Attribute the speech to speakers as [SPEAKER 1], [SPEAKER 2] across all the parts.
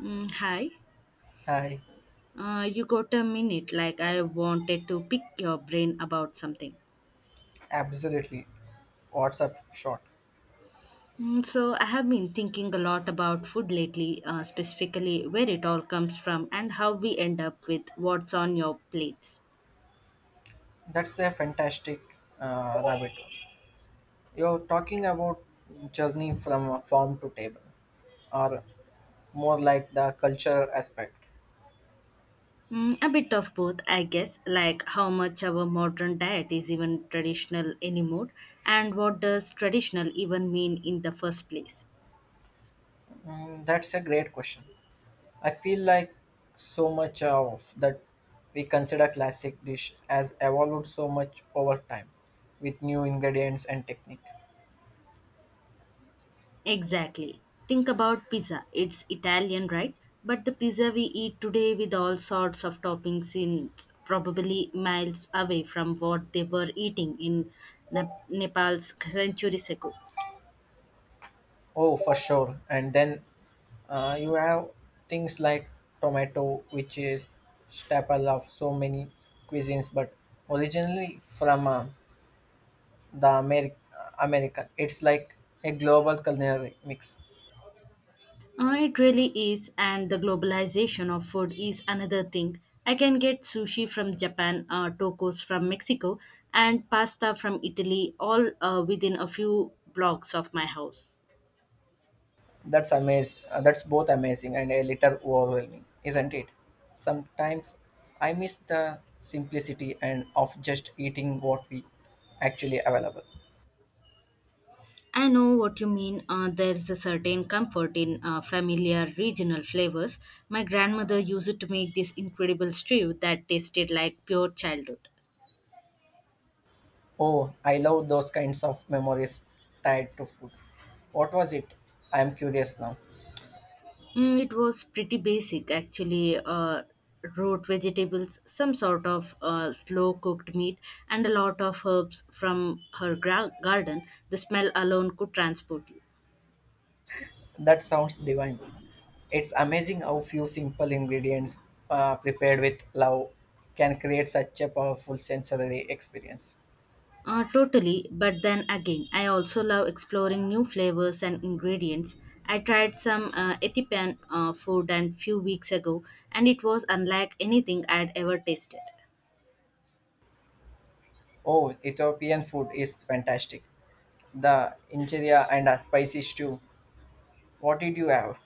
[SPEAKER 1] Hi.
[SPEAKER 2] Hi,
[SPEAKER 1] You got a minute? I wanted to pick your brain about something.
[SPEAKER 2] absolutely. What's up, short?
[SPEAKER 1] So I have been thinking a lot about food lately, specifically where it all comes from and how we end up with what's on your plates.
[SPEAKER 2] That's a fantastic rabbit hole. You're talking about journey from farm to table, or more like the cultural aspect.
[SPEAKER 1] A bit of both, I guess, like how much our modern diet is even traditional anymore, and what does traditional even mean in the first place.
[SPEAKER 2] That's a great question. I feel like so much of that we consider classic dish has evolved so much over time with new ingredients and technique.
[SPEAKER 1] Exactly. Think about pizza. It's Italian, right? But the pizza we eat today with all sorts of toppings in probably miles away from what they were eating in Nepal's centuries ago.
[SPEAKER 2] Oh, for sure. And then you have things like tomato, which is staple of so many cuisines, but originally from the American. It's like a global culinary mix.
[SPEAKER 1] It really is, and the globalization of food is another thing. I can get sushi from Japan, tacos from Mexico, and pasta from Italy all within a few blocks of my house.
[SPEAKER 2] That's amazing. That's both amazing and a little overwhelming, isn't it? Sometimes I miss the simplicity and of just eating what we actually available.
[SPEAKER 1] I know what you mean. There's a certain comfort in familiar regional flavors. My grandmother used to make this incredible stew that tasted like pure childhood.
[SPEAKER 2] Oh, I love those kinds of memories tied to food. What was it? I am curious now.
[SPEAKER 1] It was pretty basic, actually. Root vegetables, some sort of slow cooked meat, and a lot of herbs from her garden. The smell alone could transport you.
[SPEAKER 2] That sounds divine. It's amazing how few simple ingredients prepared with love can create such a powerful sensory experience.
[SPEAKER 1] Totally, but then again, I also love exploring new flavors and ingredients. I tried some Ethiopian food a few weeks ago, and it was unlike anything I'd ever tasted.
[SPEAKER 2] Oh, Ethiopian food is fantastic. The injera and a spicy stew. What did you have?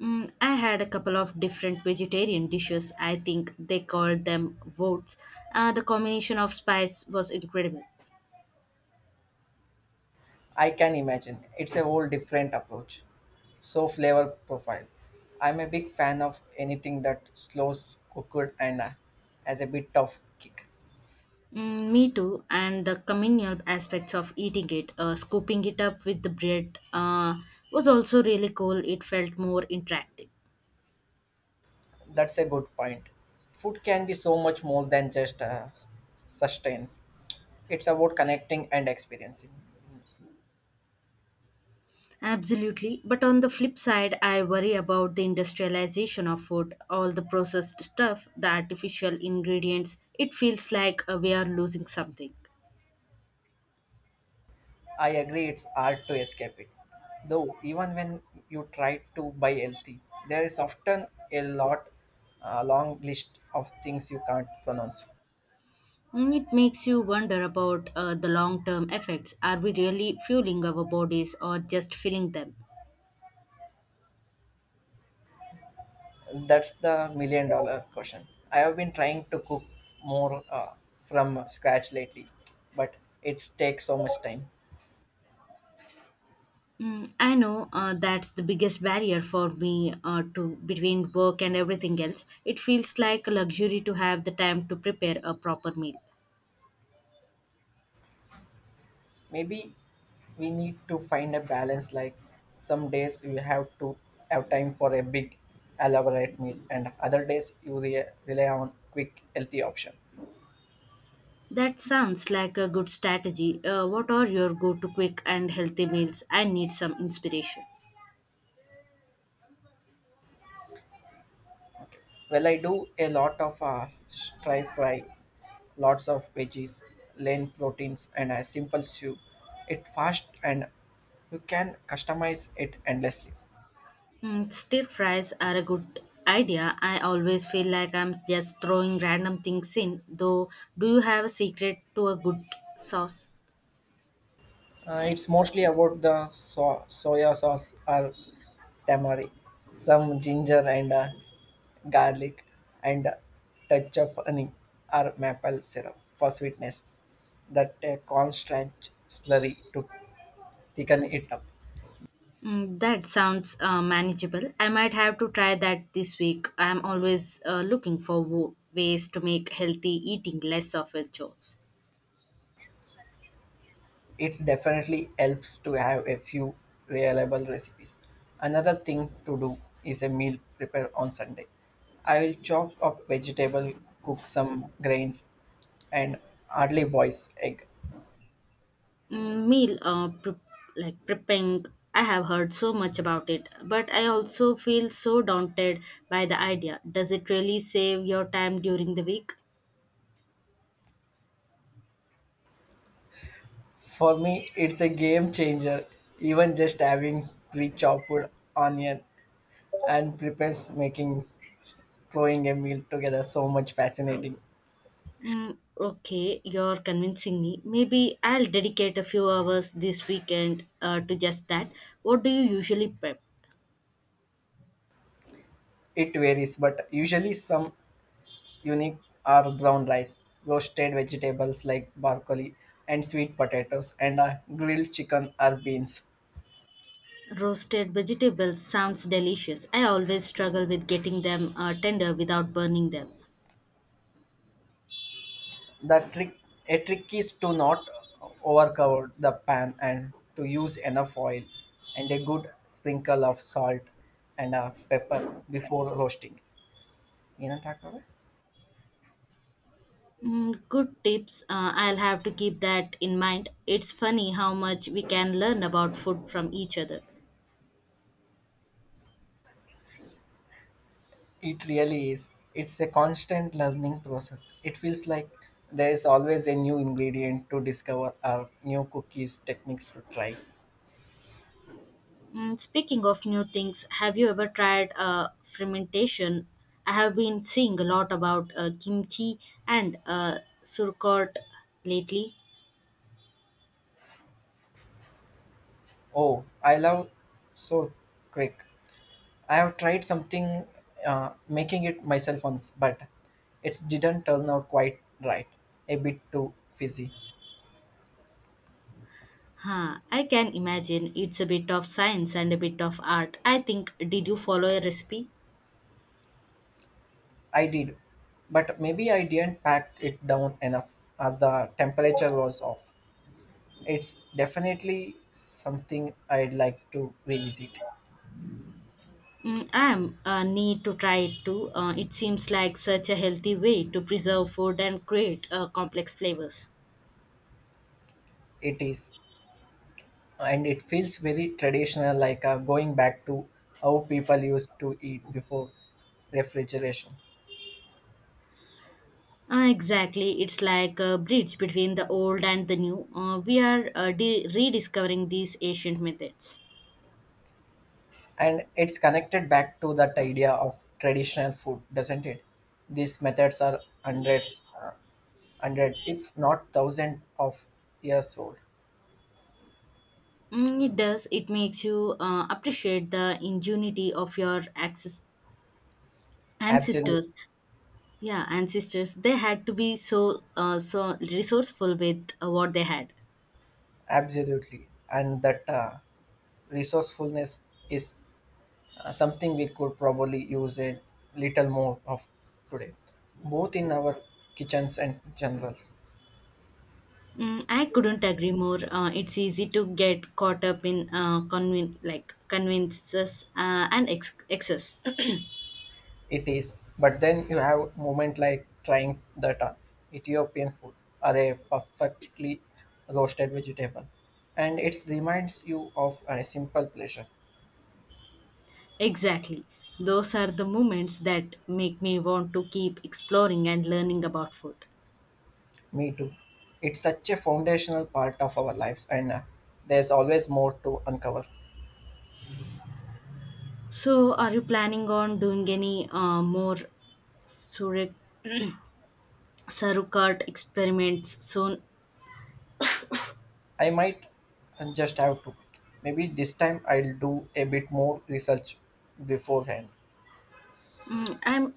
[SPEAKER 1] I had a couple of different vegetarian dishes. I think they called them votes. The combination of spice was incredible.
[SPEAKER 2] I can imagine. It's a whole different approach. So flavor profile. I'm a big fan of anything that slows cooked and has a bit of kick.
[SPEAKER 1] Me too, and the communal aspects of eating it, scooping it up with the bread, was also really cool. It felt more interactive.
[SPEAKER 2] That's a good point. Food can be so much more than just sustains. It's about connecting and experiencing.
[SPEAKER 1] Absolutely. But on the flip side, I worry about the industrialization of food, all the processed stuff, the artificial ingredients. It feels like we are losing something.
[SPEAKER 2] I agree, it's hard to escape it. Though, even when you try to buy healthy, there is often a lot, a long list of things you can't pronounce.
[SPEAKER 1] It makes you wonder about the long term effects. Are we really fueling our bodies or just filling them?
[SPEAKER 2] That's the million dollar question. I have been trying to cook more from scratch lately, but it takes so much time.
[SPEAKER 1] I know that's the biggest barrier for me to between work and everything else. It feels like a luxury to have the time to prepare a proper meal.
[SPEAKER 2] Maybe we need to find a balance like some days you have to have time for a big elaborate meal and other days you rely on quick healthy option.
[SPEAKER 1] That sounds like a good strategy. What are your go to quick and healthy meals? I need some inspiration.
[SPEAKER 2] Okay. Well, I do a lot of stir fry, lots of veggies, lean proteins and a simple soup. It fast and you can customize it endlessly.
[SPEAKER 1] Stir fries are a good idea. I always feel like I'm just throwing random things in, though, do you have a secret to a good sauce?
[SPEAKER 2] It's mostly about the soya sauce or tamari, some ginger and garlic, and a touch of honey or maple syrup for sweetness. That constant slurry to thicken it up.
[SPEAKER 1] That sounds manageable. I might have to try that this week. I'm always looking for ways to make healthy eating less of a chore.
[SPEAKER 2] It definitely helps to have a few reliable recipes. Another thing to do is a meal prepare on Sunday. I will chop up vegetable, cook some grains, and hardly boils egg.
[SPEAKER 1] Meal like prepping. I have heard so much about it, but I also feel so daunted by the idea. Does it really save your time during the week?
[SPEAKER 2] For me, it's a game changer. Even just having pre-chopped onion and prepares making throwing a meal together so much fascinating.
[SPEAKER 1] Okay, you're convincing me. Maybe I'll dedicate a few hours this weekend to just that. What do you usually prep?
[SPEAKER 2] It varies, but usually some unique are brown rice, roasted vegetables like broccoli and sweet potatoes, and a grilled chicken or beans.
[SPEAKER 1] Roasted vegetables sounds delicious. I always struggle with getting them tender without burning them.
[SPEAKER 2] The trick, a trick is to not overcover the pan and to use enough oil and a good sprinkle of salt and pepper before roasting. ಏನಂತ ಹಾಕೋದು?
[SPEAKER 1] Good tips. I'll have to keep that in mind. It's funny how much we can learn about food from each other.
[SPEAKER 2] It really is. It's a constant learning process. It feels like there is always a new ingredient to discover or new cookies techniques to try.
[SPEAKER 1] Speaking of new things, have you ever tried fermentation? I have been seeing a lot about kimchi and surkot lately.
[SPEAKER 2] Oh, I love Soul Creek. I have tried something making it myself once, but it didn't turn out quite right. A bit too fizzy.
[SPEAKER 1] Huh, I can imagine it's a bit of science and a bit of art. I think, did you follow a recipe?
[SPEAKER 2] I did, but maybe I didn't pack it down enough, or the temperature was off. It's definitely something I'd like to revisit.
[SPEAKER 1] I'm need to try it too. It seems like such a healthy way to preserve food and create complex flavors.
[SPEAKER 2] It is, and it feels very traditional, like going back to how people used to eat before refrigeration.
[SPEAKER 1] Exactly, it's like a bridge between the old and the new. We are rediscovering these ancient methods.
[SPEAKER 2] And it's connected back to that idea of traditional food, doesn't it? These methods are hundred if not thousand of years old.
[SPEAKER 1] It does. It makes you appreciate the ingenuity of your
[SPEAKER 2] Absolutely.
[SPEAKER 1] ancestors. Yeah, ancestors. They had to be so so resourceful with what they had.
[SPEAKER 2] Absolutely. And that resourcefulness is something we could probably use a little more of today, both in our kitchens and generals.
[SPEAKER 1] I couldn't agree more. It's easy to get caught up in convin like conveniences and excess.
[SPEAKER 2] It is, but then you have moment like trying that Ethiopian food, are a perfectly roasted vegetable, and it reminds you of a simple pleasure.
[SPEAKER 1] Exactly. Those are the moments that make me want to keep exploring and learning about food.
[SPEAKER 2] Me too. It's such a foundational part of our lives, and there's always more to uncover.
[SPEAKER 1] So, are you planning on doing any more sure- Sarukat experiments soon?
[SPEAKER 2] I might just have to. Maybe this time I'll do a bit more research beforehand.
[SPEAKER 1] Mm, I'm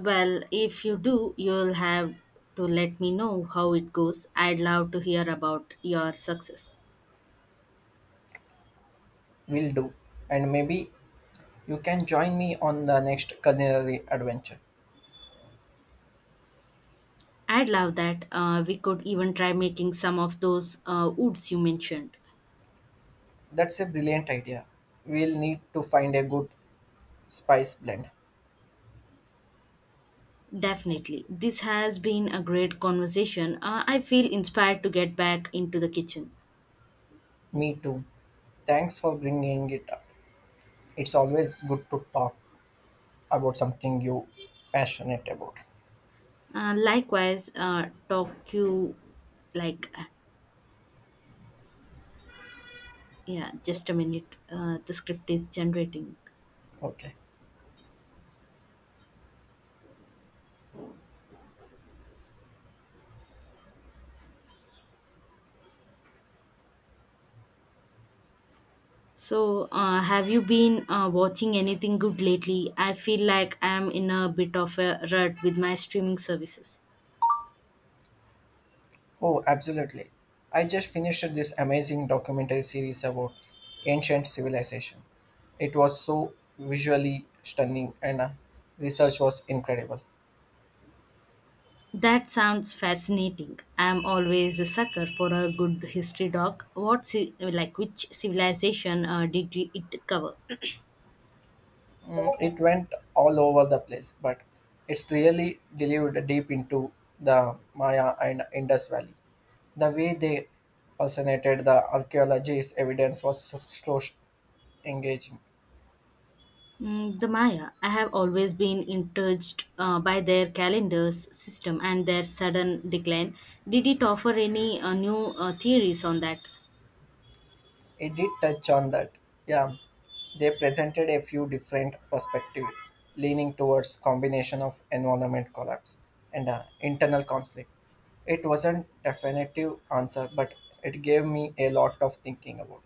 [SPEAKER 1] well, if you do, you'll have to let me know how it goes. I'd love to hear about your success.
[SPEAKER 2] Will do, and maybe you can join me on the next culinary adventure.
[SPEAKER 1] I'd love that. We could even try making some of those woods you mentioned.
[SPEAKER 2] That's a brilliant idea. We'll need to find a good spice blend.
[SPEAKER 1] Definitely. This has been a great conversation. I feel inspired to get back into the kitchen.
[SPEAKER 2] Me too. Thanks for bringing it up. It's always good to talk about something you passionate about.
[SPEAKER 1] Likewise, like, uh, yeah, just a minute. The script is generating.
[SPEAKER 2] Okay.
[SPEAKER 1] So, have you been watching anything good lately? I feel like I'm in a bit of a rut with my streaming services.
[SPEAKER 2] Oh, absolutely. I just finished this amazing documentary series about ancient civilization. It was so visually stunning and research was incredible.
[SPEAKER 1] That sounds fascinating. I'm always a sucker for a good history doc. What which civilization did it cover?
[SPEAKER 2] It went all over the place, but it's really delivered deep into the Maya and Indus Valley. The way they fascinated the archaeology's evidence was so engaging.
[SPEAKER 1] The Maya. I have always been intrigued by their calendars system and their sudden decline. Did it offer any new theories on that?
[SPEAKER 2] It did touch on that. Yeah, they presented a few different perspectives, leaning towards combination of environment collapse and internal conflict. It wasn't definitive answer, but it gave me a lot of thinking about.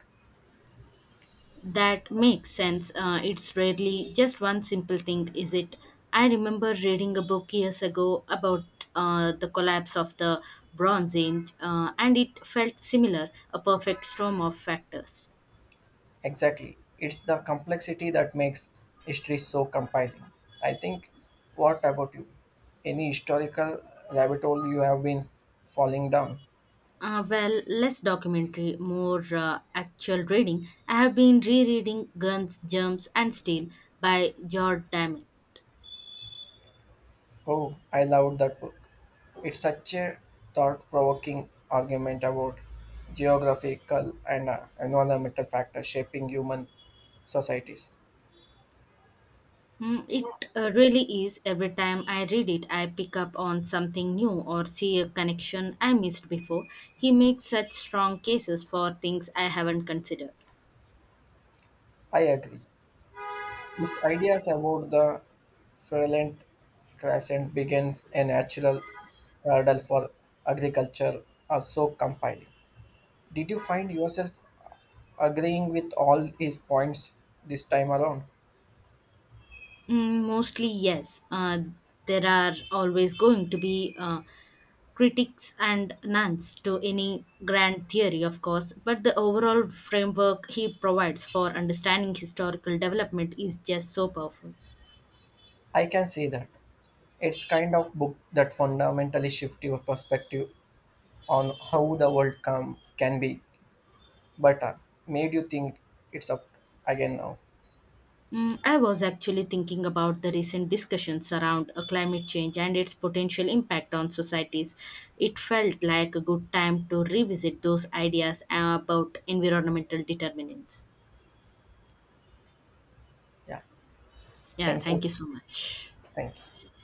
[SPEAKER 1] That makes sense. It's rarely just one simple thing, is it? I remember reading a book years ago about the collapse of the Bronze Age, and it felt similar a perfect storm of factors.
[SPEAKER 2] Exactly. It's the complexity that makes history so compelling. I think, what about you? Any historical rabbit hole you have been falling down?
[SPEAKER 1] Well, less documentary, more actual reading. I have been rereading Guns, Germs, and Steel by George Damel.
[SPEAKER 2] Oh, I loved that book. It's such a thought provoking argument about geographical and environmental factors shaping human societies.
[SPEAKER 1] It really is. Every time I read it, I pick up on something new or see a connection I missed before. He makes such strong cases for things I haven't considered.
[SPEAKER 2] I agree. His ideas about the Ferelent crescent begins a natural hurdle for agriculture are so compelling. Did you find yourself agreeing with all his points this time around?
[SPEAKER 1] Mostly, yes. There are always going to be critics and nuns to any grand theory, of course, but the overall framework he provides for understanding historical development is just so powerful.
[SPEAKER 2] I can see that. It's kind of book that fundamentally shift your perspective on how the world come, can be better. Made you think it's up again now.
[SPEAKER 1] I was actually thinking about the recent discussions around climate change and its potential impact on societies. It felt like a good time to revisit those ideas about environmental determinants.
[SPEAKER 2] Yeah.
[SPEAKER 1] Yeah,
[SPEAKER 2] Thank you.
[SPEAKER 1] thank you so much.
[SPEAKER 2] Thank you.